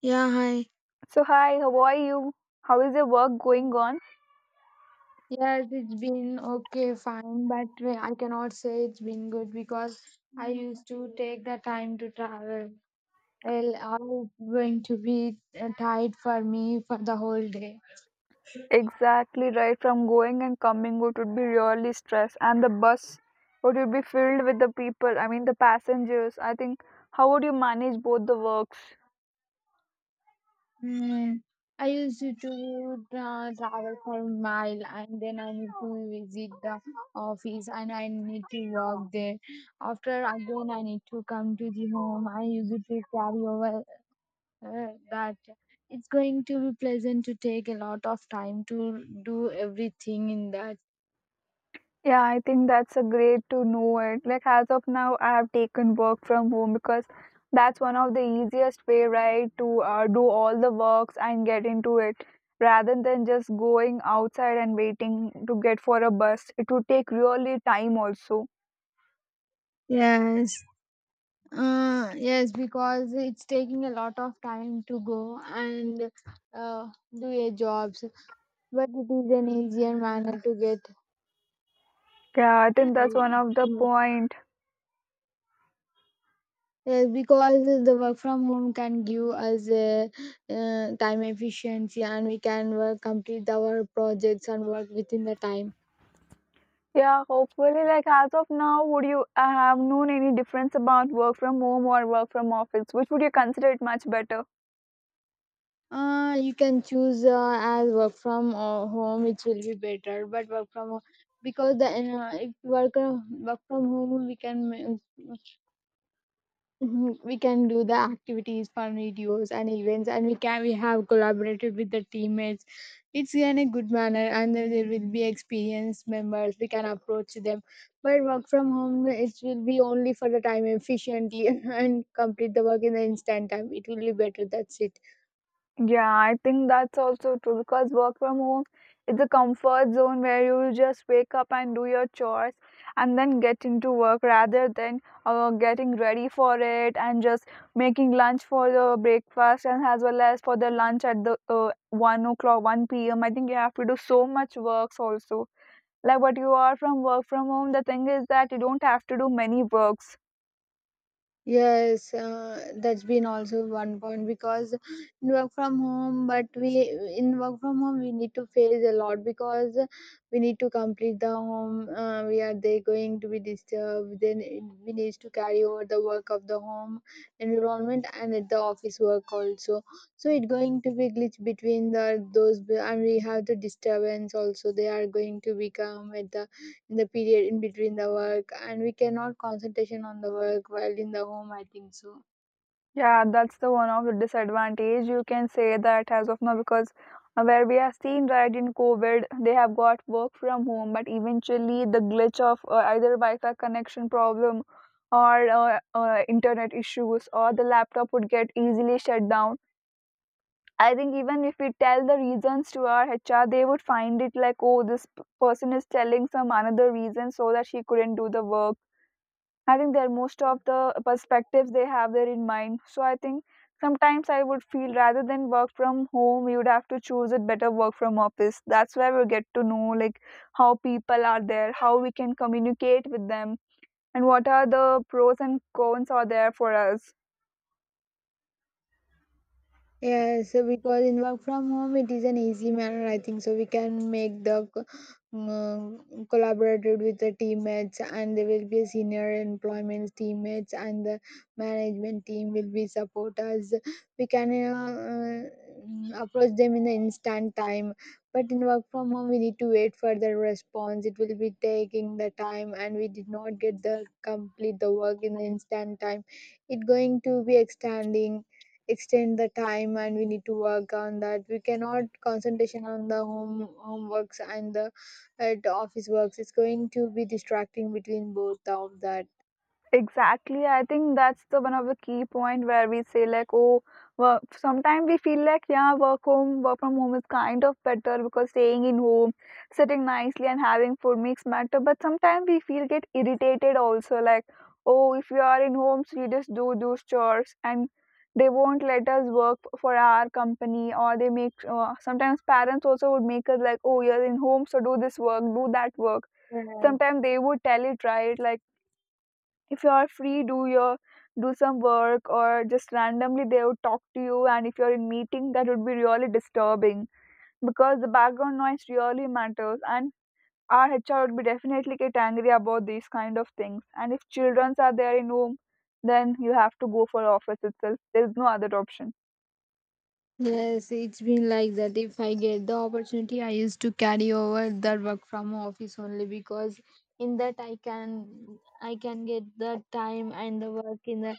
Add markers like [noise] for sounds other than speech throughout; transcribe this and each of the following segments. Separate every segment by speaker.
Speaker 1: Yeah, hi.
Speaker 2: So, hi, how are you? How is your work going on?
Speaker 1: Yes, it's been okay, fine, but I cannot say it's been good because I used to take the time to travel. Well, I'm going to be tired for me for the whole day.
Speaker 2: Exactly right. From going and coming, it would be really stress, and the bus it would be filled with the people. I mean, the passengers. I think, how would you manage both the works?
Speaker 1: Mm. I used to do, travel for a mile and then I need to visit the office and I need to work there. After again, I need to come to the home. I used to carry over uh, that. It's going to be pleasant to take a lot of time to do everything in that.
Speaker 2: Yeah, I think that's a great to know it. Like as of now, I have taken work from home because that's one of the easiest way, right, to do all the works and get into it rather than just going outside and waiting to get for a bus. It would take really time also.
Speaker 1: Yes. Yes, because it's taking a lot of time to go and do your jobs, but it is an easier manner to get.
Speaker 2: Yeah, I think that's one of the
Speaker 1: uh,
Speaker 2: point.
Speaker 1: yes, because the work from home can give us a, time efficiency, and we can work complete our projects and work within the time.
Speaker 2: Yeah, hopefully, like as of now, would you have known any difference about work from home or work from office? Which would you consider it much better?
Speaker 1: You can choose as work from home, it will be better. But work from home, because the if work from home, we can [laughs] Mhm. we can do the activities, fun videos, and events, and we have collaborated with the teammates. It's in a good manner, and then there will be experienced members. We can approach them. But work from home, it will be only for the time efficiently [laughs] and complete the work in the instant time. It will be better. That's it.
Speaker 2: Yeah, I think that's also true because work from home is a comfort zone where you just wake up and do your chores and then get into work rather than getting ready for it and just making lunch for the breakfast and as well as for the lunch at the 1 o'clock, 1 p.m. I think you have to do so much works also. Like what you are from work from home, the thing is that you don't have to do many works.
Speaker 1: Yes, that's been also one point because in work from home, but we in work from home we need to face a lot because we need to complete the home. We are they going to be disturbed. Then we need to carry over the work of the home environment and at the office work also. So it going to be glitch between the those, and we have the disturbance also. They are going to become at the in the period in between the work, and we cannot concentration on the work while in the home, I think so.
Speaker 2: Yeah, that's the one of the disadvantage you can say that as of now because where we have seen right in COVID, they have got work from home, but eventually the glitch of either Wi-Fi connection problem or internet issues or the laptop would get easily shut down. I think even if we tell the reasons to our HR, they would find it like, oh, this person is telling some another reason so that she couldn't do the work. I think they're most of the perspectives they have there in mind. So I think sometimes I would feel rather than work from home, you would have to choose it better work from office. That's where we get to know like how people are there, how we can communicate with them, and what are the pros and cons are there for us.
Speaker 1: Yes, because in work from home, it is an easy manner, I think. So we can make the collaborated with the teammates, and there will be a senior employment teammates, and the management team will be support us. We can approach them in the instant time. But in work from home, we need to wait for the response. It will be taking the time, and we did not get the complete the work in the instant time. It going to be extending, extend the time, and we need to work on that. We cannot concentration on the home homeworks and the office works. It's going to be distracting between both of that.
Speaker 2: Exactly, I think that's the one of the key point where we say like, oh, work. Sometimes we feel like, yeah, work from home is kind of better because staying in home, sitting nicely and having food makes matter. But sometimes we feel get irritated also, like, oh, if you are in home, so you just do those chores and they won't let us work for our company or they make. Sometimes parents also would make us like, oh, you're in home, so do this work, do that work.
Speaker 1: Yeah.
Speaker 2: Sometimes they would tell it right, like if you are free do your do some work or just randomly they would talk to you, and if you're in meeting that would be really disturbing because the background noise really matters, and our HR would be definitely get angry about these kind of things. And if children are there in room, then you have to go for office itself. There is no other option.
Speaker 1: Yes, it's been like that. If I get the opportunity, I used to carry over that work from office only because in that I can get the time and the work in the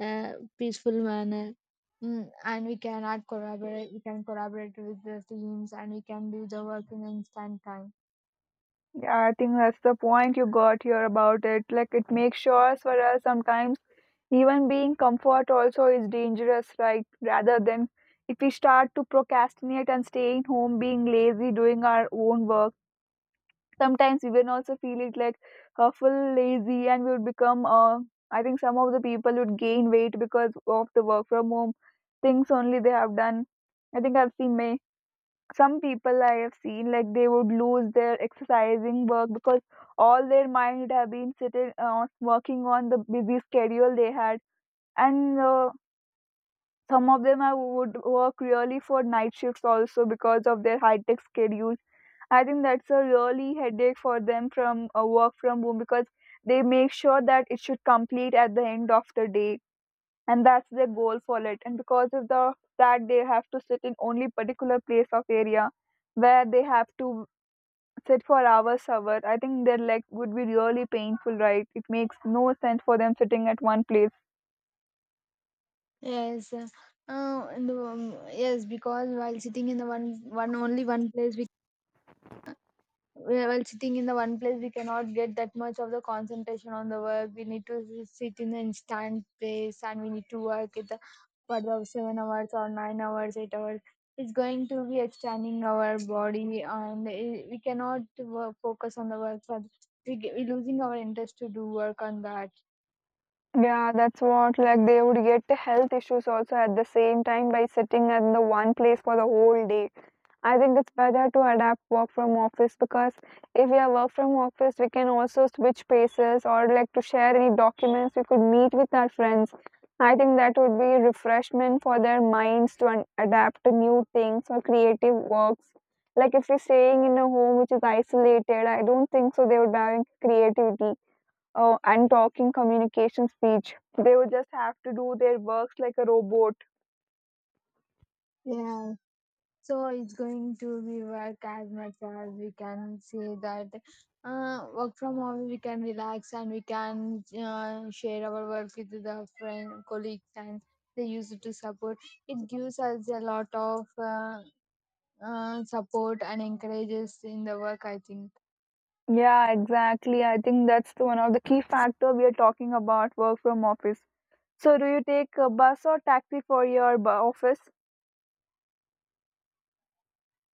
Speaker 1: peaceful manner. Mm, and we cannot collaborate we can collaborate with the teams, and we can do the work in instant time.
Speaker 2: Yeah, I think that's the point you got here about it. Like it makes sure for us sometimes even being comfort also is dangerous, right? Rather than if we start to procrastinate and staying home, being lazy, doing our own work, sometimes we will also feel it like full lazy and we would become, I think some of the people would gain weight because of the work from home things only they have done. I think I've seen many some people I have seen like they would lose their exercising work because all their mind would have been sitting working on the busy schedule they had, and some of them I would work really for night shifts also because of their high tech schedule. I think that's a really headache for them from a work from home because they make sure that it should complete at the end of the day, and that's their goal for it, and because of the that they have to sit in only particular place of area where they have to sit for hour. I think their leg would be really painful, right? It makes no sense for them sitting at one place.
Speaker 1: Yes, yes because while sitting in the one one only one place we while sitting in the one place we cannot get that much of the concentration on the work. We need to sit in the instant place, and we need to work at the for the 7 hours or 9 hours 8 hours. It's going to be extending our body, and we cannot work, focus on the work. So we're losing our interest to do work on that.
Speaker 2: Yeah, that's what, like, they would get health issues also at the same time by sitting in the one place for the whole day. I think it's better to adapt work from office because if we are work from office, we can also switch places or like to share any documents. We could meet with our friends. I think that would be refreshment for their minds to adapt to new things or creative works. Like if we're staying in a home which is isolated, I don't think so they would be having creativity. Oh, and talking communication speech. They would just have to do their works like a robot.
Speaker 1: Yeah, so it's going to be work as much as we can say that work from home, we can relax, and we can share our work with the friend colleagues, and they use it to support. It gives us a lot of support and encourages in the work, I think.
Speaker 2: Yeah, exactly. I think that's the one of the key factor we are talking about work from office. So, do you take a bus or taxi for your office?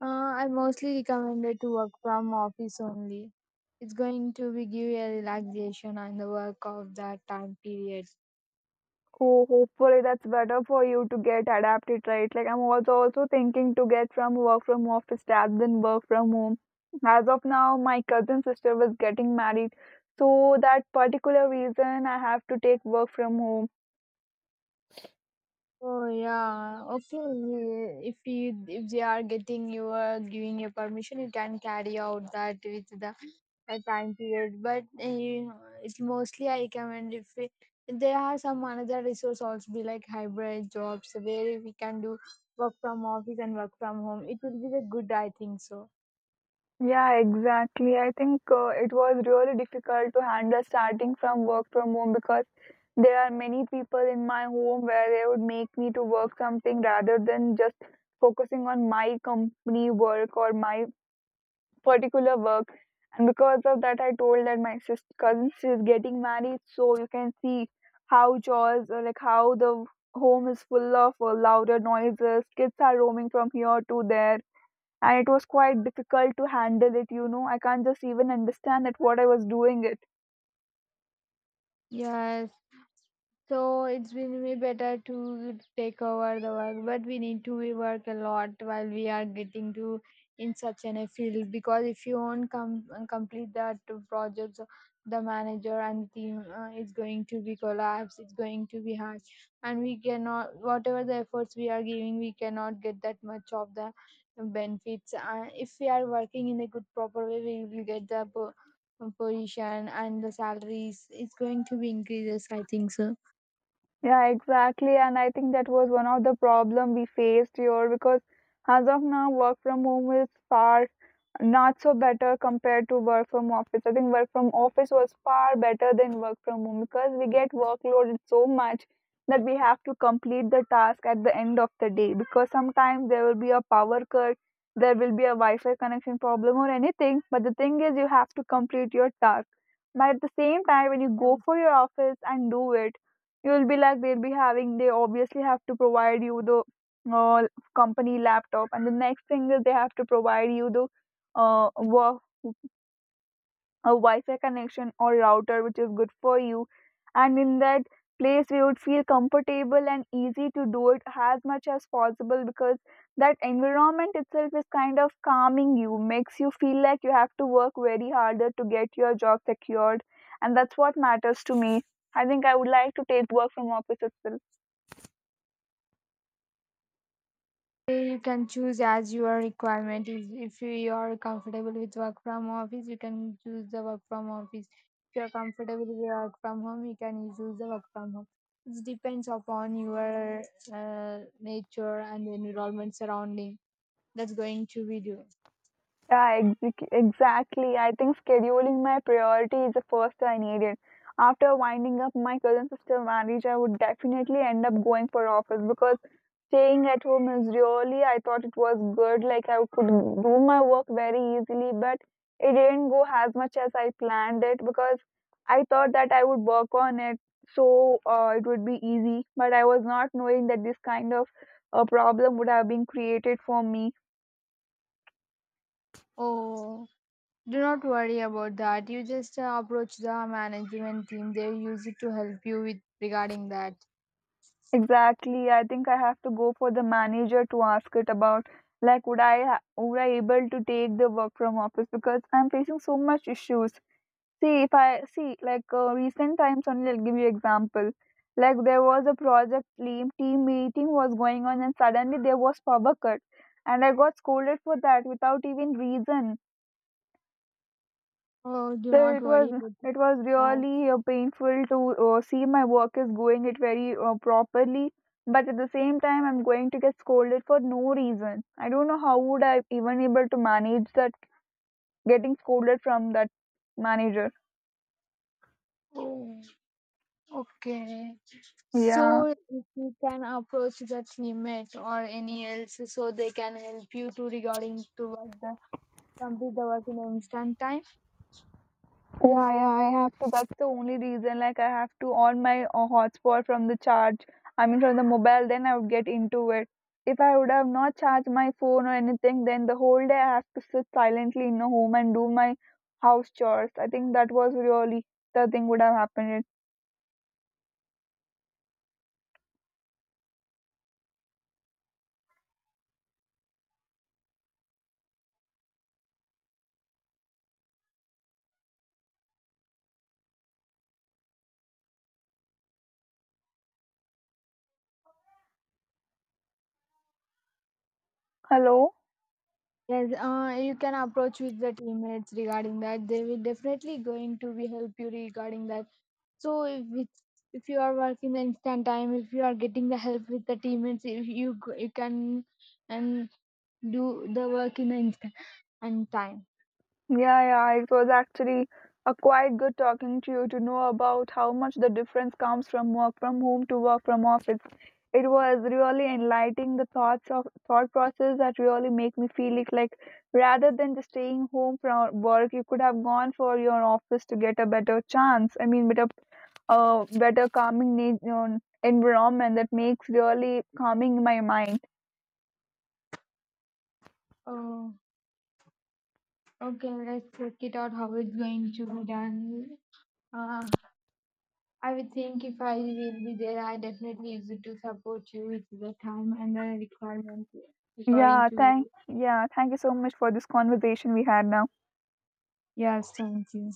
Speaker 1: I mostly recommended to work from office only. It's going to be give a relaxation on the work of that time period.
Speaker 2: Oh, hopefully that's better for you to get adapted, right? Like I'm also thinking to get from work from office rather than work from home. As of now, my cousin sister was getting married, so that particular reason I have to take work from home.
Speaker 1: Oh yeah, okay. Yeah, if you if they are getting you giving you permission, you can carry out that with the time period. But it's mostly I recommend if we, there are some another resource also be like hybrid jobs where we can do work from office and work from home. It will be the good, I think so.
Speaker 2: Yeah, exactly. I think it was really difficult to handle starting from work from home because there are many people in my home where they would make me to work something rather than just focusing on my company work or my particular work. And because of that, I told that my sister cousin is getting married, so you can see how chores or like how the home is full of louder noises. Kids are roaming from here to there, and it was quite difficult to handle it. I can't just even understand that what I was doing it.
Speaker 1: Yes. So it's been way better to take over the work, but we need to we work a lot while we are getting to in such an a field because if you won't come complete that projects, the manager and team is going to be collapse. It's going to be hard, and we cannot whatever the efforts we are giving, we cannot get that much of the benefits. If we are working in a good proper way, we will get the position and the salaries. It's going to be increases, I think so.
Speaker 2: Yeah, exactly. And I think that was one of the problem we faced here because as of now, work from home is far not so better compared to work from office. I think work from office was far better than work from home because we get workloaded so much that we have to complete the task at the end of the day because sometimes there will be a power cut, there will be a Wi-Fi connection problem or anything. But the thing is, you have to complete your task. But at the same time, when you go
Speaker 1: Um,
Speaker 2: for your office and do it, you'll be like they'll be having they obviously have to provide you the uh, company laptop, and the next thing is they have to provide you the uh, wo- a Wi-Fi connection or router which is good for you, and in that place we would feel comfortable and easy to do it as much as possible because that environment itself is kind of calming. You makes you feel like you have to work very harder to get your job secured, and that's what matters to me. I think I would like to take work from office itself.
Speaker 1: you can choose as your requirement. Is if you are comfortable with work from office, you can choose the work from office. If you are comfortable with work from home, you can choose the work from home. It depends upon your nature and the environment surrounding that's going to be do.
Speaker 2: Yeah, exactly. I think scheduling my priority is the first I needed. After winding up my cousin sister marriage, I would definitely end up going for office because staying at home is really, I thought it was good. Like I could do my work very easily, but it didn't go as much as I planned it because I thought that I would work on it so it would be easy. But I was not knowing that this kind of a problem would have been created for me.
Speaker 1: Oh, do not worry about that. You just approach the management team. They use it to help you with regarding that.
Speaker 2: Exactly. I think I have to go for the manager to ask it about like would I would I able to take the work from office because I'm facing so much issues. See if I see like recent times only, I'll give you example. Like there was a project team meeting was going on and suddenly there was power cut, and I got scolded for that without even reason.
Speaker 1: Oh, do
Speaker 2: So
Speaker 1: not worry about
Speaker 2: it was
Speaker 1: that.
Speaker 2: really painful to see my work is going it very properly, but at the same time I'm going to get scolded for no reason. I don't know how would I even able to manage that getting scolded from that manager.
Speaker 1: Oh, okay.
Speaker 2: Yeah.
Speaker 1: So if you can approach that teammate or any else, so they can help you to regarding to work the complete the work in instant time.
Speaker 2: So that's the only reason like I have to on my hotspot from the charge. I mean from the mobile, then I would get into it. If I would have not charged my phone or anything, then the whole day I have to sit silently in a home and do my house chores. I think that was really the thing would have happened. Hello?
Speaker 1: Yes, you can approach with the teammates regarding that. They will definitely going to be help you regarding that. So if it's, if you are working the instant time, if you are getting the help with the teammates, if you go- you can and do the work in the instant and time.
Speaker 2: Yeah, yeah, it was actually a quite good talking to you to know about how much the difference comes from work from home to work from office. It was really enlightening the thoughts of thought process that really make me feel like rather than just staying home from work, you could have gone for your office to get a better chance. I mean, better calming environment that makes really calming my mind.
Speaker 1: Oh, okay. Let's work it out how it's going to be done. Uh, I would think if I will be there, I definitely use it to support you with the time and the requirement according
Speaker 2: Yeah,
Speaker 1: to you.
Speaker 2: thank you so much for this conversation we had now.
Speaker 1: Yes, thank you.